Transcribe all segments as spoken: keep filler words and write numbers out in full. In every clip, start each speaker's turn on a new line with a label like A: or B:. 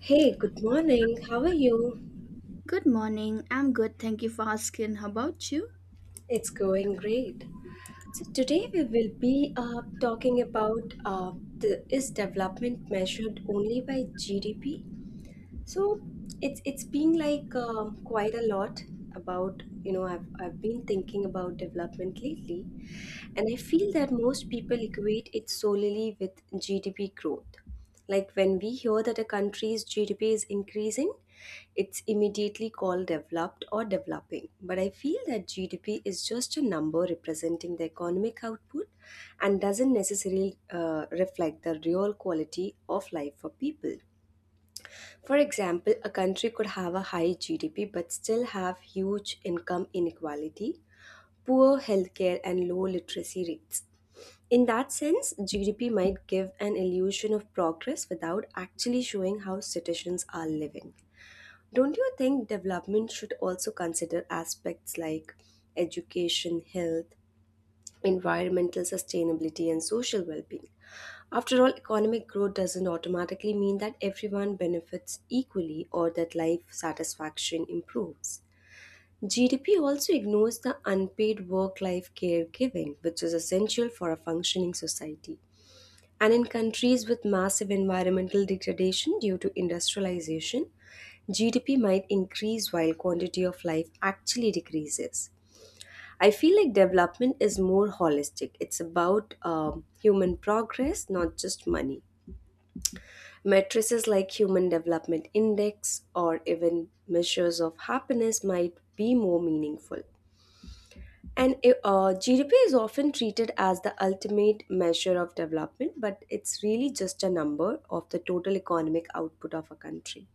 A: Hey, good morning. How are you?
B: Good morning. I'm good. Thank you for asking. How about you?
A: It's going great. So today we will be uh, talking about uh, the, is development measured only by G D P? So it's it's been like um, quite a lot about you know I've I've been thinking about development lately, and I feel that most people equate it solely with G D P growth. Like when we hear that a country's G D P is increasing, it's immediately called developed or developing. But I feel that G D P is just a number representing the economic output and doesn't necessarily uh, reflect the real quality of life for people. For example, a country could have a high G D P but still have huge income inequality, poor healthcare and low literacy rates. In that sense, G D P might give an illusion of progress without actually showing how citizens are living. Don't you think development should also consider aspects like education, health, environmental sustainability, and social well being? After all, economic growth doesn't automatically mean that everyone benefits equally or that life satisfaction improves. G D P also ignores the unpaid work life caregiving, which is essential for a functioning society. And in countries with massive environmental degradation due to industrialization, G D P might increase while quantity of life actually decreases. I feel like development is more holistic. It's about um, human progress, not just money. Matrices like Human Development Index or even measures of happiness might be more meaningful. And uh, G D P is often treated as the ultimate measure of development, but it's really just a number of the total economic output of a country.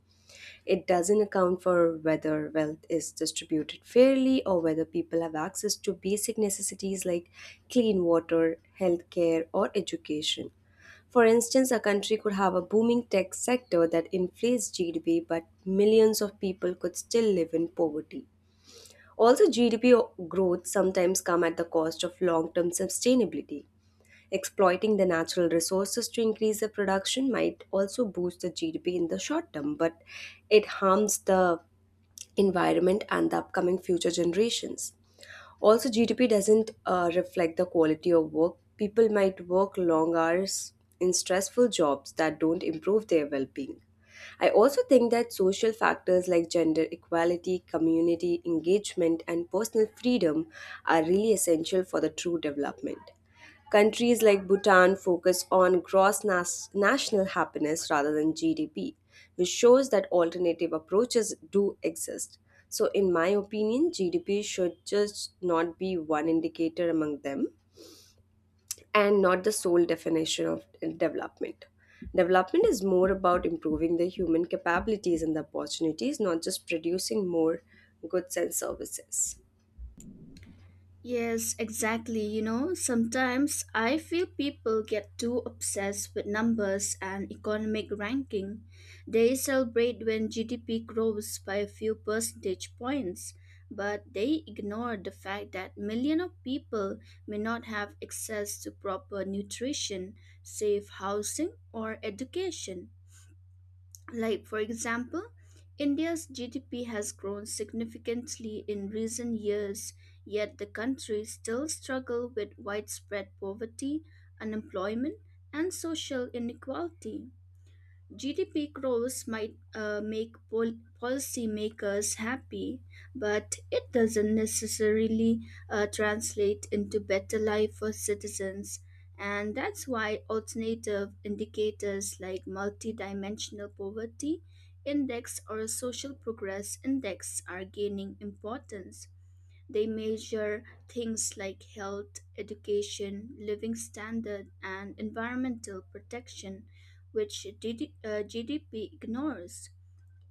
A: It doesn't account for whether wealth is distributed fairly or whether people have access to basic necessities like clean water, healthcare, or education. For instance, a country could have a booming tech sector that inflates G D P, but millions of people could still live in poverty. Also, G D P growth sometimes come at the cost of long-term sustainability. Exploiting the natural resources to increase the production might also boost the G D P in the short term, but it harms the environment and the upcoming future generations. Also, G D P doesn't uh, reflect the quality of work. People might work long hours in stressful jobs that don't improve their well being. I also think that social factors like gender equality, community engagement, and personal freedom are really essential for the true development. Countries like Bhutan focus on gross nas- national happiness rather than G D P, which shows that alternative approaches do exist. So, in my opinion, G D P should just not be one indicator among them and not the sole definition of development. Development is more about improving the human capabilities and the opportunities, not just producing more goods and services.
B: Yes, exactly. You know, sometimes I feel people get too obsessed with numbers and economic ranking. They celebrate when G D P grows by a few percentage points, but they ignore the fact that millions of people may not have access to proper nutrition, safe housing, or education. Like, for example, India's G D P has grown significantly in recent years, yet the country still struggles with widespread poverty, unemployment, and social inequality. G D P growth might uh, make pol- policymakers happy, but it doesn't necessarily uh, translate into better life for citizens. And that's why alternative indicators like multidimensional poverty index or social progress index are gaining importance. They measure things like health, education, living standard, and environmental protection, which DD, uh, G D P ignores.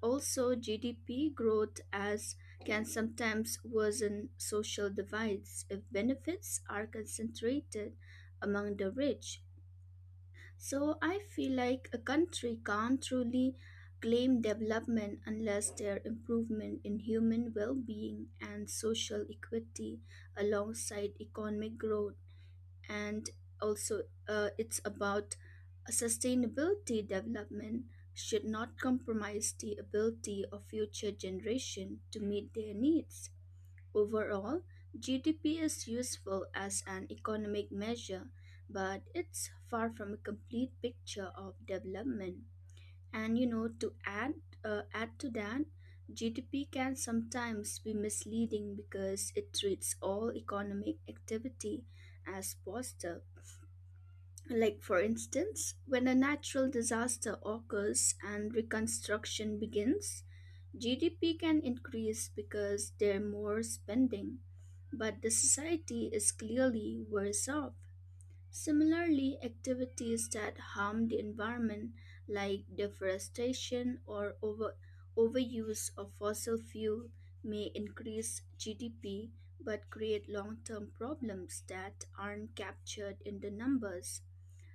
B: Also, G D P growth as can sometimes worsen social divides if benefits are concentrated among the rich. So I feel like a country can't truly claim development unless their improvement in human well-being and social equity alongside economic growth and also uh, it's about sustainability development should not compromise the ability of future generation to meet their needs. Overall, G D P is useful as an economic measure, but it's far from a complete picture of development. And you know, to add uh, add to that, G D P can sometimes be misleading because it treats all economic activity as positive. Like for instance, when a natural disaster occurs and reconstruction begins, G D P can increase because there are more spending, but the society is clearly worse off. Similarly, activities that harm the environment, like deforestation or over, overuse of fossil fuel, may increase G D P but create long term problems that aren't captured in the numbers.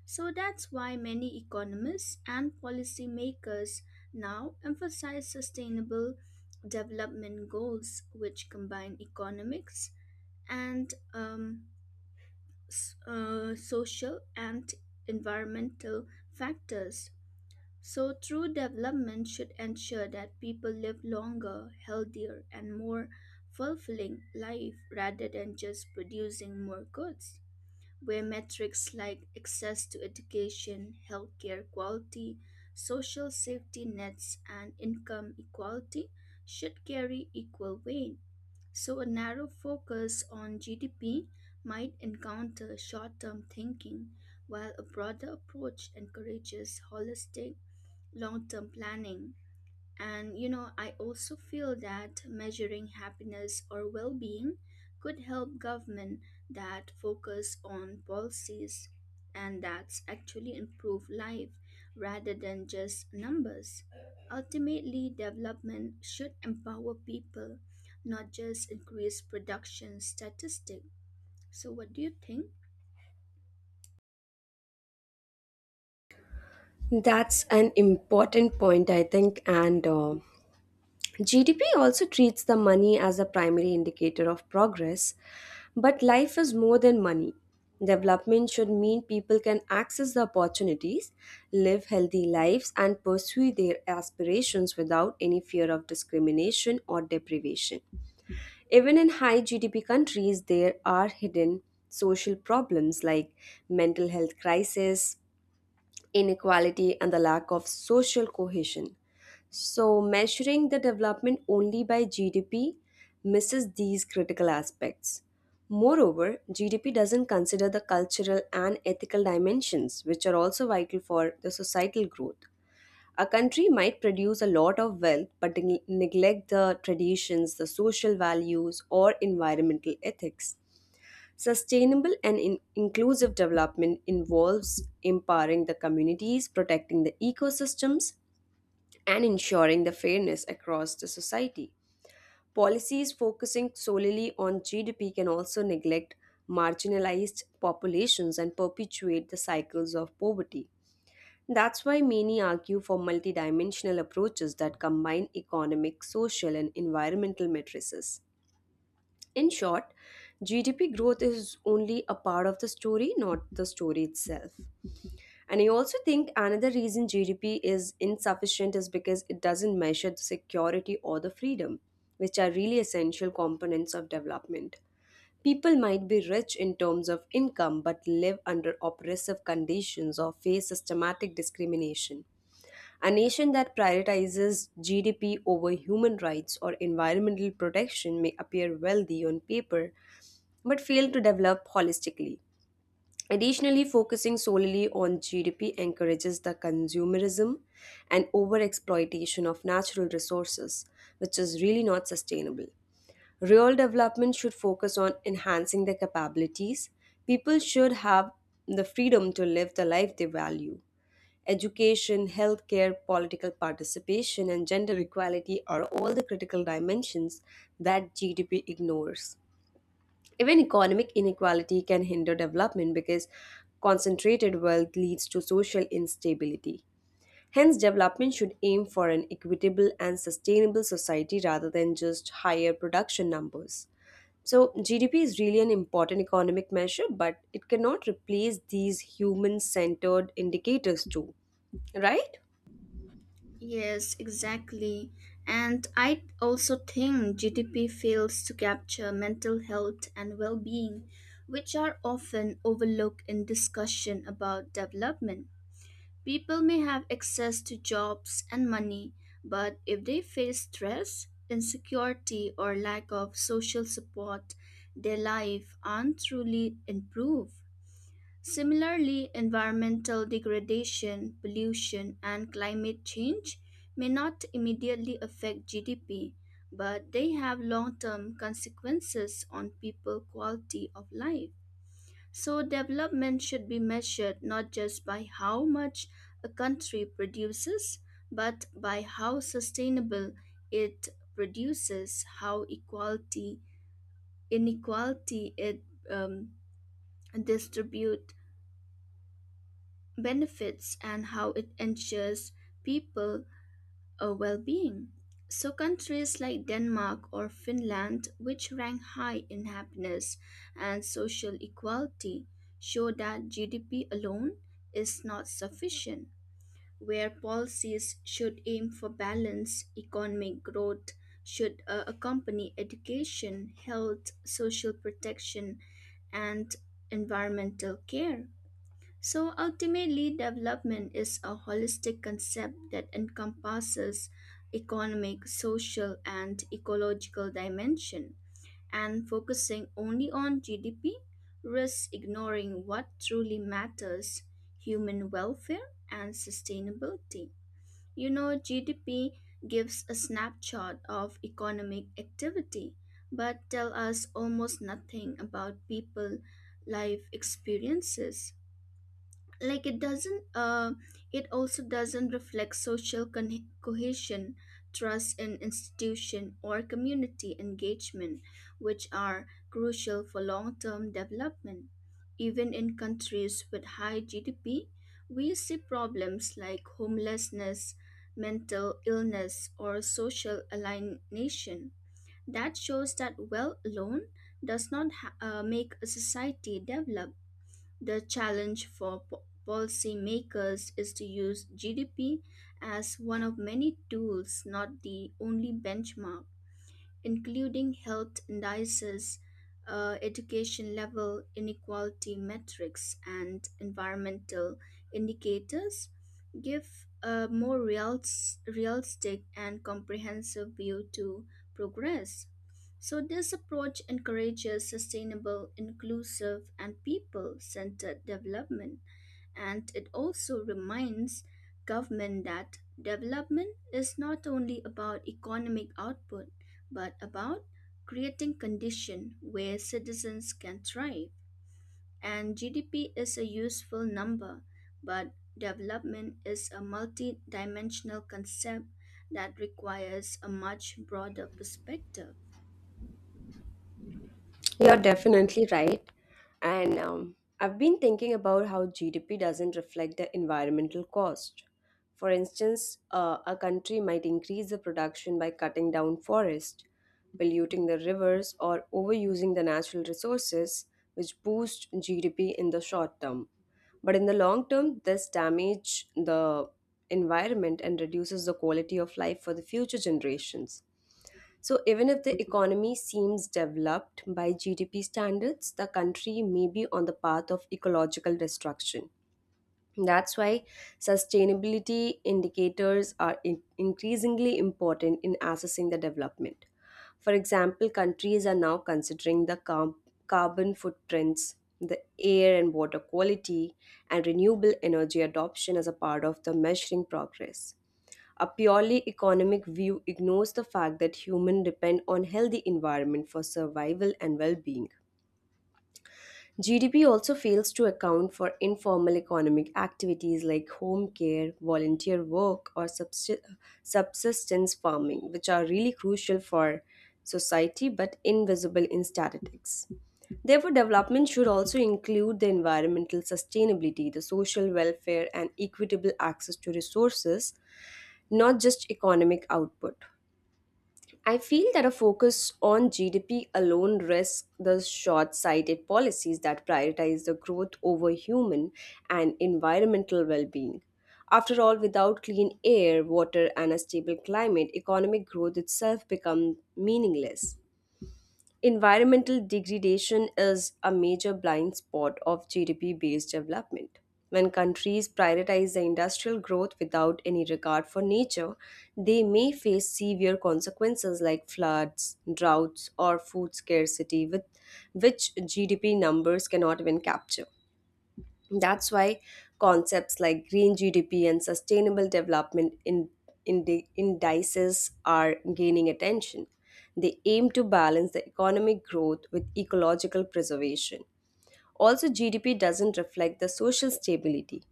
B: So that's why many economists and policymakers now emphasize sustainable development goals, which combine economics and um, s- uh, social and environmental factors. So, true development should ensure that people live longer, healthier, and more fulfilling life rather than just producing more goods, where metrics like access to education, healthcare quality, social safety nets, and income equality should carry equal weight. So, a narrow focus on G D P might encounter short term thinking, while a broader approach encourages holistic long term planning. And you know, I also feel that measuring happiness or well being could help government that focus on policies and that actually improve life rather than just numbers. Ultimately, development should empower people, not just increase production statistic. So what do you think?
A: That's an important point, I think, and uh, G D P also treats the money as a primary indicator of progress, but life is more than money. Development should mean people can access the opportunities, live healthy lives, and pursue their aspirations without any fear of discrimination or deprivation. Even in high G D P countries, there are hidden social problems like mental health crisis, inequality, and the lack of social cohesion. So, measuring the development only by G D P misses these critical aspects. Moreover, G D P doesn't consider the cultural and ethical dimensions, which are also vital for the societal growth. A country might produce a lot of wealth but neg- neglect the traditions, the social values, or environmental ethics. Sustainable and in- inclusive development involves empowering the communities, protecting the ecosystems, and ensuring the fairness across the society. Policies focusing solely on G D P can also neglect marginalized populations and perpetuate the cycles of poverty. That's why many argue for multidimensional approaches that combine economic, social, and environmental matrices. In short, G D P growth is only a part of the story, not the story itself. And I also think another reason G D P is insufficient is because it doesn't measure the security or the freedom, which are really essential components of development. People might be rich in terms of income but live under oppressive conditions or face systematic discrimination. A nation that prioritizes G D P over human rights or environmental protection may appear wealthy on paper but fail to develop holistically. Additionally, focusing solely on G D P encourages the consumerism and overexploitation of natural resources, which is really not sustainable. Real development should focus on enhancing their capabilities. People should have the freedom to live the life they value. Education, healthcare, political participation, and gender equality are all the critical dimensions that G D P ignores. Even economic inequality can hinder development because concentrated wealth leads to social instability. Hence, development should aim for an equitable and sustainable society rather than just higher production numbers. So, G D P is really an important economic measure, but it cannot replace these human centered indicators, too, right?
B: Yes, exactly. And I also think G D P fails to capture mental health and well being, which are often overlooked in discussion about development. People may have access to jobs and money, but if they face stress, insecurity, or lack of social support, their life aren't truly improved. Similarly, environmental degradation, pollution, and climate change may not immediately affect G D P, but they have long term consequences on people's quality of life. So, development should be measured not just by how much a country produces, but by how sustainable it produces, how equality, inequality it um, distributes benefits and how it ensures people a well-being. So countries like Denmark or Finland, which rank high in happiness and social equality, show that G D P alone is not sufficient. Where policies should aim for balance, economic growth should uh, accompany education, health, social protection, and environmental care. So ultimately, development is a holistic concept that encompasses economic, social, and ecological dimension. And focusing only on G D P risks ignoring what truly matters: human welfare and sustainability. You know, G D P gives a snapshot of economic activity but tell us almost nothing about people life experiences. Like it doesn't uh, it also doesn't reflect social con- cohesion, trust in institution, or community engagement, which are crucial for long-term development. Even in countries with high G D P we see problems like homelessness, mental illness, or social alienation, that shows that wealth alone does not ha- uh, make a society develop. The challenge for po- policymakers is to use G D P as one of many tools, not the only benchmark, including health indices, uh, education level, inequality metrics, and environmental indicators, give a more real, realistic and comprehensive view to progress. So, this approach encourages sustainable, inclusive, and people centered development, and it also reminds government that development is not only about economic output but about creating condition where citizens can thrive. And G D P is a useful number, but development is a multi-dimensional concept that requires a much broader perspective.
A: You're definitely right. And um, I've been thinking about how G D P doesn't reflect the environmental cost. For instance, uh, a country might increase the production by cutting down forests, polluting the rivers, or overusing the natural resources, which boost G D P in the short term. But in the long term, this damage the environment and reduces the quality of life for the future generations. So, even if the economy seems developed by G D P standards, the country may be on the path of ecological destruction. That's why sustainability indicators are in- increasingly important in assessing the development. For example, countries are now considering the car- carbon footprints, the air and water quality, and renewable energy adoption as a part of the measuring progress. A purely economic view ignores the fact that humans depend on healthy environment for survival and well-being. G D P also fails to account for informal economic activities like home care, volunteer work, or subsi- subsistence farming, which are really crucial for society but invisible in statistics. Therefore, development should also include the environmental sustainability, the social welfare, and equitable access to resources, not just economic output. I feel that a focus on G D P alone risks the short sighted policies that prioritize the growth over human and environmental well being. After all, without clean air, water, and a stable climate, economic growth itself becomes meaningless. Environmental degradation is a major blind spot of G D P based development. When countries prioritize the industrial growth without any regard for nature, they may face severe consequences like floods, droughts, or food scarcity, with which G D P numbers cannot even capture. That's why concepts like green G D P and sustainable development in, indi- indices are gaining attention. They aim to balance the economic growth with ecological preservation. Also, G D P doesn't reflect the social stability.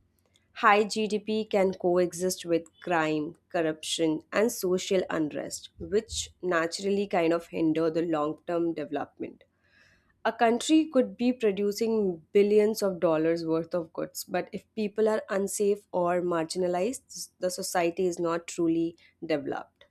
A: High G D P can coexist with crime, corruption, and social unrest, which naturally kind of hinder the long term development. A country could be producing billions of dollars worth of goods, but if people are unsafe or marginalized, the society is not truly developed.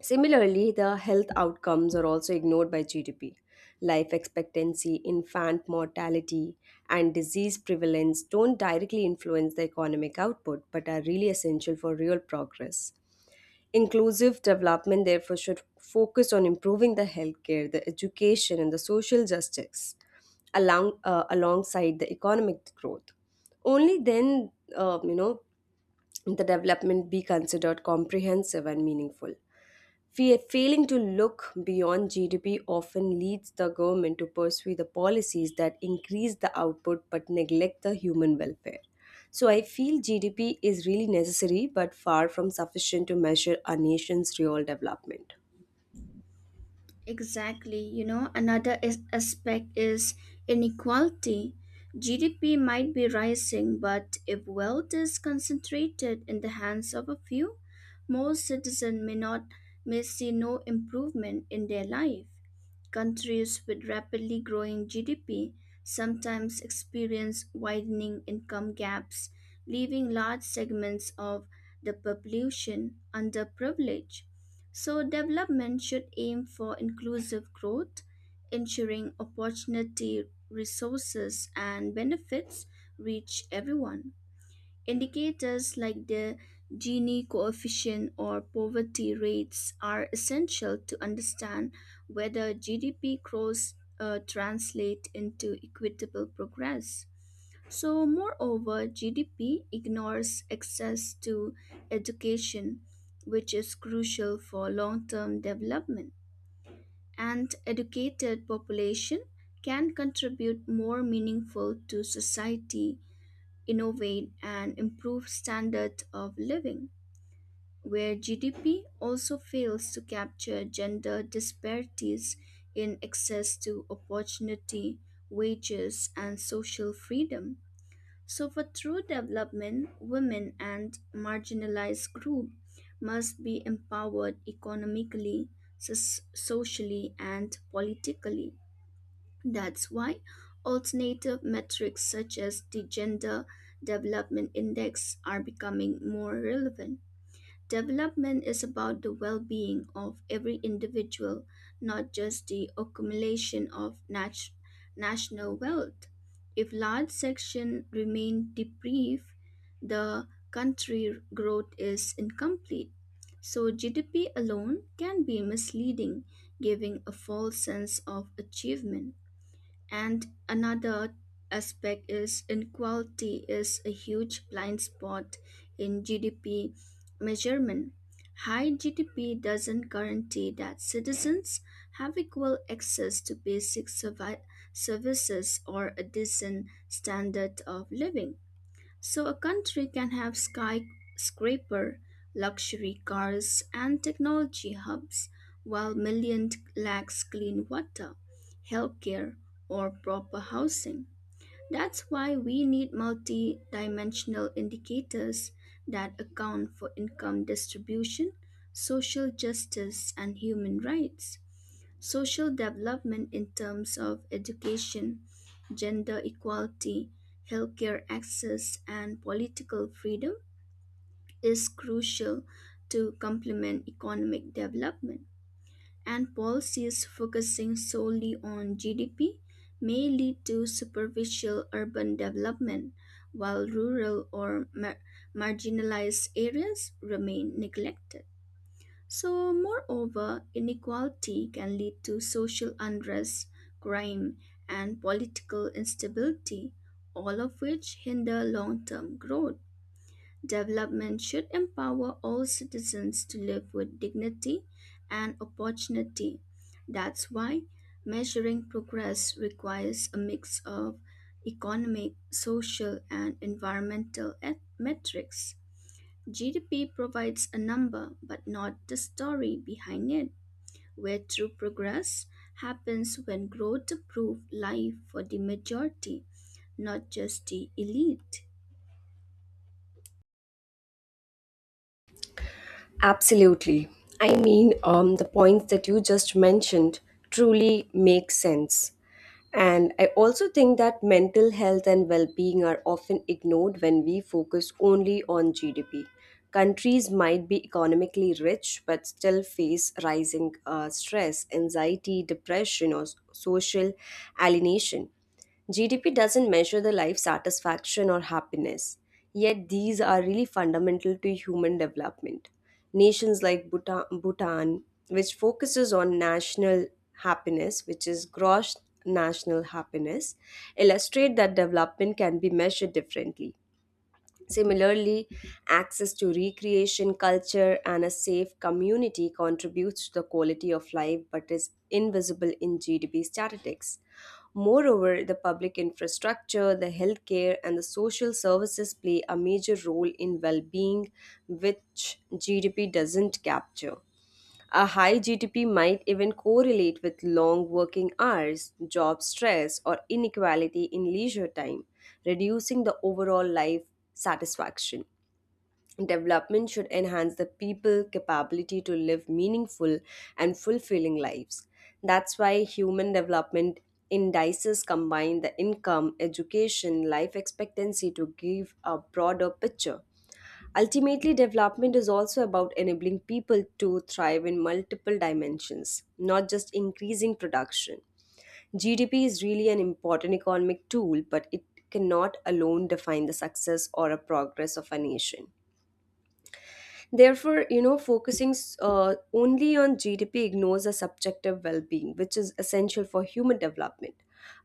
A: Similarly, the health outcomes are also ignored by G D P. Life expectancy, infant mortality, and disease prevalence don't directly influence the economic output but are really essential for real progress. Inclusive development, therefore, should focus on improving the healthcare, the education, and the social justice along, uh, alongside the economic growth. Only then, uh, you know, the development be considered comprehensive and meaningful. Fa- Failing to look beyond G D P often leads the government to pursue the policies that increase the output but neglect the human welfare. So I feel G D P is really necessary but far from sufficient to measure a nation's real development.
B: Exactly. You know, another is aspect is inequality. G D P might be rising, but if wealth is concentrated in the hands of a few, most citizens may not may see no improvement in their life. Countries with rapidly growing G D P sometimes experience widening income gaps, leaving large segments of the population underprivileged. So, development should aim for inclusive growth, ensuring opportunity, resources, and benefits reach everyone. Indicators like the Gini coefficient or poverty rates are essential to understand whether G D P growth uh, translate into equitable progress. So, moreover, G D P ignores access to education, which is crucial for long term development. And educated population can contribute more meaningful to society, innovate, and improve standards of living, where G D P also fails to capture gender disparities in access to opportunity, wages, and social freedom. So, for true development, women and marginalized groups must be empowered economically, sus- socially, and politically. That's why alternative metrics such as the Gender Development Index are becoming more relevant. Development is about the well being of every individual, not just the accumulation of nat- national wealth. If large sections remain deprived, the country growth is incomplete. So, G D P alone can be misleading, giving a false sense of achievement. And another aspect is inequality is a huge blind spot in G D P measurement. High G D P doesn't guarantee that citizens have equal access to basic servi- services or a decent standard of living. So a country can have skyscraper, luxury cars, and technology hubs, while millions lacks clean water, healthcare, or proper housing. That's why we need multi dimensional indicators that account for income distribution, social justice, and human rights. Social development in terms of education, gender equality, healthcare access, and political freedom is crucial to complement economic development, and policies focusing solely on G D P may lead to superficial urban development, while rural or mar- marginalized areas remain neglected. So, moreover, inequality can lead to social unrest, crime, and political instability, all of which hinder long term growth. Development should empower all citizens to live with dignity and opportunity. That's why measuring progress requires a mix of economic, social, and environmental et- metrics. G D P provides a number, but not the story behind it. Where true progress happens when growth improves life for the majority, not just the elite.
A: Absolutely. I mean, um, the points that you just mentioned truly make sense. And I also think that mental health and well being are often ignored when we focus only on G D P. Countries might be economically rich but still face rising uh, stress, anxiety, depression, or s- social alienation. G D P doesn't measure the life satisfaction or happiness, yet, these are really fundamental to human development. Nations like Bhutan, Bhutan, which focuses on national happiness, which is gross national happiness, illustrate that development can be measured differently. Similarly, access to recreation, culture, and a safe community contributes to the quality of life but is invisible in G D P statistics. Moreover, the public infrastructure, the healthcare, and the social services play a major role in well being, which G D P doesn't capture. A high G D P might even correlate with long working hours, job stress, or inequality in leisure time, reducing the overall life satisfaction. Development should enhance the people's capability to live meaningful and fulfilling lives. That's why human development indices combine the income, education, life expectancy to give a broader picture. Ultimately, development is also about enabling people to thrive in multiple dimensions, not just increasing production. G D P is really an important economic tool, but it cannot alone define the success or a progress of a nation. Therefore, you know, focusing uh, only on G D P ignores a subjective well being, which is essential for human development.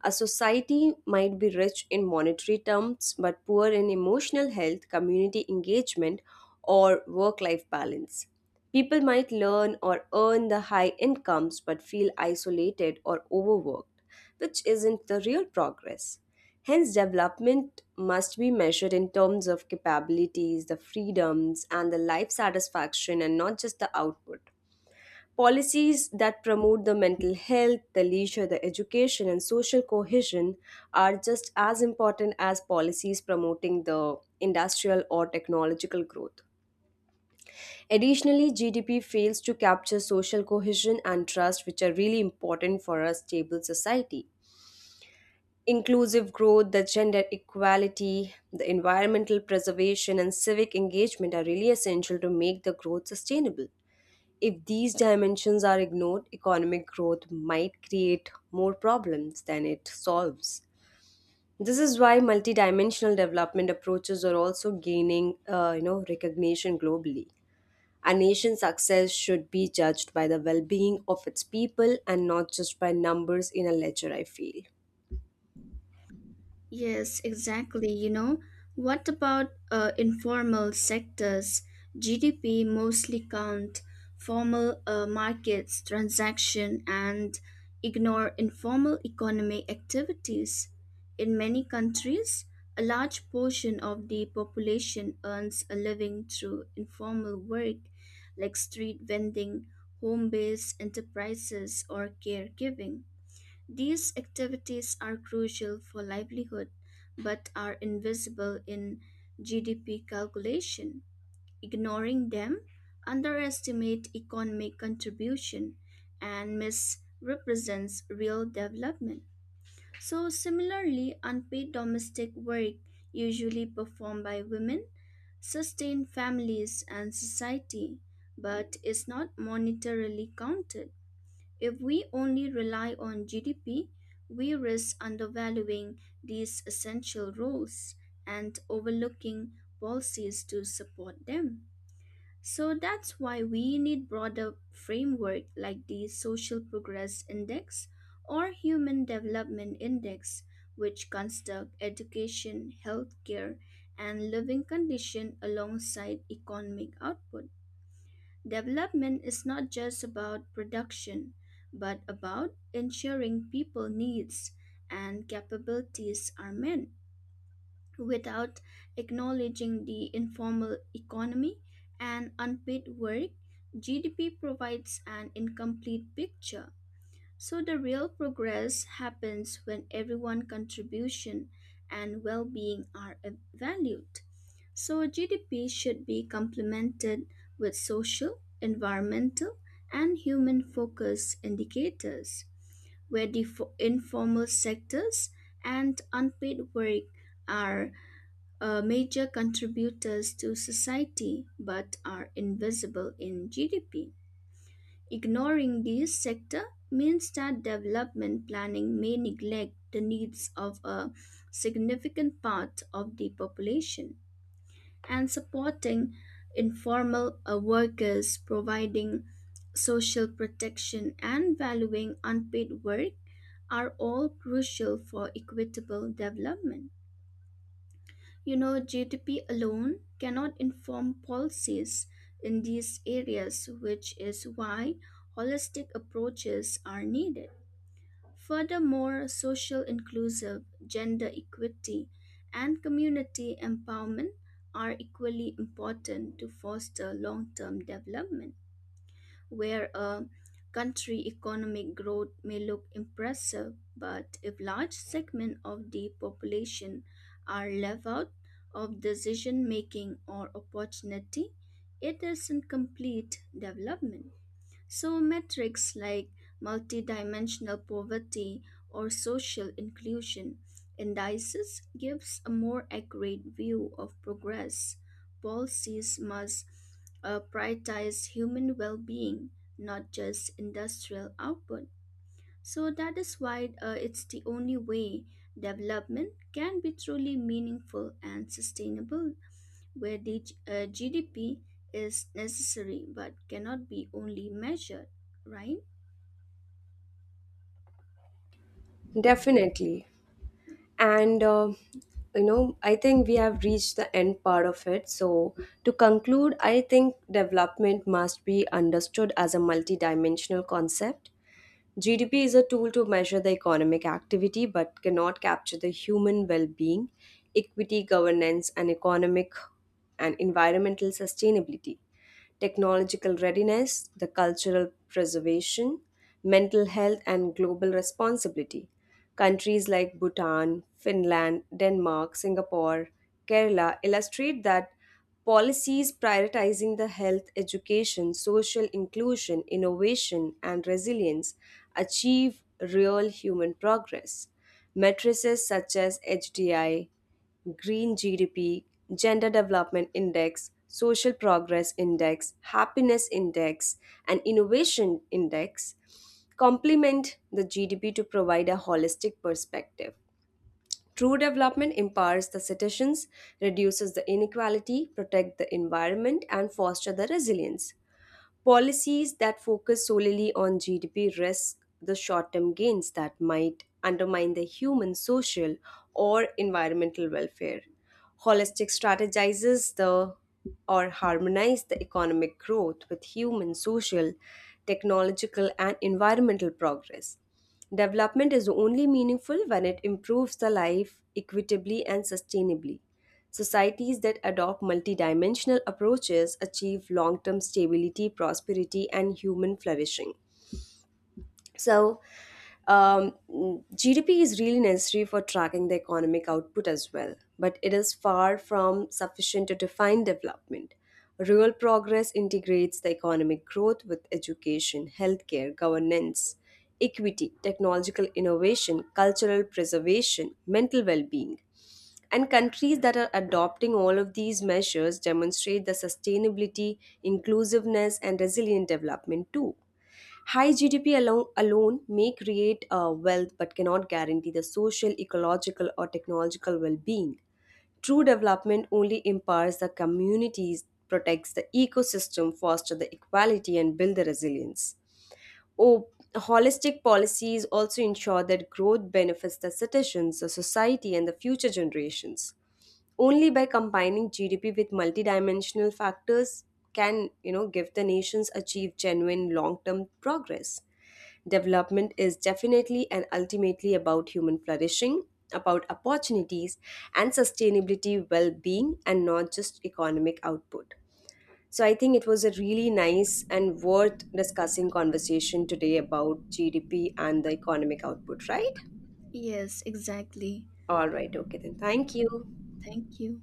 A: A society might be rich in monetary terms but poor in emotional health, community engagement, or work life balance. People might learn or earn the high incomes but feel isolated or overworked, which isn't the real progress. Hence, development must be measured in terms of capabilities, the freedoms, and the life satisfaction, and not just the output. Policies that promote the mental health, the leisure, the education, and social cohesion are just as important as policies promoting the industrial or technological growth. Additionally, G D P fails to capture social cohesion and trust, which are really important for a stable society. Inclusive growth, the gender equality, the environmental preservation, and civic engagement are really essential to make the growth sustainable. If these dimensions are ignored, economic growth might create more problems than it solves. This is why multidimensional development approaches are also gaining, uh, you know, recognition globally. A nation's success should be judged by the well-being of its people and not just by numbers in a ledger, I feel.
B: Yes, exactly. You know, what about uh, informal sectors? G D P mostly count formal uh, markets, transaction, and ignore informal economic activities. In many countries, a large portion of the population earns a living through informal work like street vending, home-based enterprises, or caregiving. These activities are crucial for livelihood but are invisible in G D P calculation. Ignoring them underestimate economic contribution and misrepresents real development. So similarly, unpaid domestic work usually performed by women sustain families and society but is not monetarily counted. If we only rely on G D P, we risk undervaluing these essential roles and overlooking policies to support them. So that's why we need broader framework like the Social Progress Index or Human Development Index, which construct education, healthcare, and living condition alongside economic output. Development is not just about production, but about ensuring people needs and capabilities are met without acknowledging the informal economy and unpaid work. G D P provides an incomplete picture so the real progress happens when everyone contribution and well-being are ev- valued. So G D P should be complemented with social, environmental, and human focus indicators where the fo- informal sectors and unpaid work are uh, major contributors to society but are invisible in G D P. Ignoring this sector means that development planning may neglect the needs of a significant part of the population, and supporting informal uh, workers, providing social protection, and valuing unpaid work are all crucial for equitable development. You know, G D P alone cannot inform policies in these areas, which is why holistic approaches are needed. Furthermore, social inclusive, gender equity, and community empowerment are equally important to foster long term development, where a country economic growth may look impressive, but if large segments of the population are left out of decision making or opportunity, it isn't complete development. So, metrics like multidimensional poverty or social inclusion indices gives a more accurate view of progress. Policies must uh, prioritize human well-being, not just industrial output. So that is why uh, it's the only way development can be truly meaningful and sustainable, where the uh, G D P is necessary but cannot be only measured, right?
A: Definitely. And uh, you know, I think we have reached the end part of it. So, to conclude, I think development must be understood as a multidimensional concept. G D P is a tool to measure the economic activity but cannot capture the human well being, equity, governance, and economic and environmental sustainability, technological readiness, the cultural preservation, mental health, and global responsibility. Countries like Bhutan, Finland, Denmark, Singapore, Kerala illustrate that policies prioritizing the health, education, social inclusion, innovation, and resilience achieve real human progress. Matrices such as H D I, green G D P, gender development index, social progress index, happiness index, and innovation index complement the G D P to provide a holistic perspective. True development empowers the citizens, reduces the inequality, protects the environment and fosters the resilience. Policies that focus solely on G D P risk the short term gains that might undermine the human, social, or environmental welfare. Holistic strategizes the or harmonize the economic growth with human, social, technological, and environmental progress. Development is only meaningful when it improves the life equitably and sustainably. Societies that adopt multidimensional approaches achieve long term stability, prosperity, and human flourishing. So, um, G D P is really necessary for tracking the economic output as well, but it is far from sufficient to define development. Rural progress integrates the economic growth with education, healthcare, governance, equity, technological innovation, cultural preservation, mental well being. And countries that are adopting all of these measures demonstrate the sustainability, inclusiveness, and resilient development too. High G D P alone, alone may create uh, wealth but cannot guarantee the social, ecological, or technological well being. True development only empowers the communities, protects the ecosystem, fosters the equality, and builds the resilience. Oh, holistic policies also ensure that growth benefits the citizens, the society, and the future generations. Only by combining G D P with multidimensional factors can you know give the nations achieve genuine long-term progress. Development is definitely and ultimately about human flourishing, about opportunities and sustainability well-being and not just economic output. So I think it was a really nice and worth discussing conversation today about G D P and the economic output, right?
B: Yes, exactly.
A: All right, okay then. Thank you.
B: Thank you.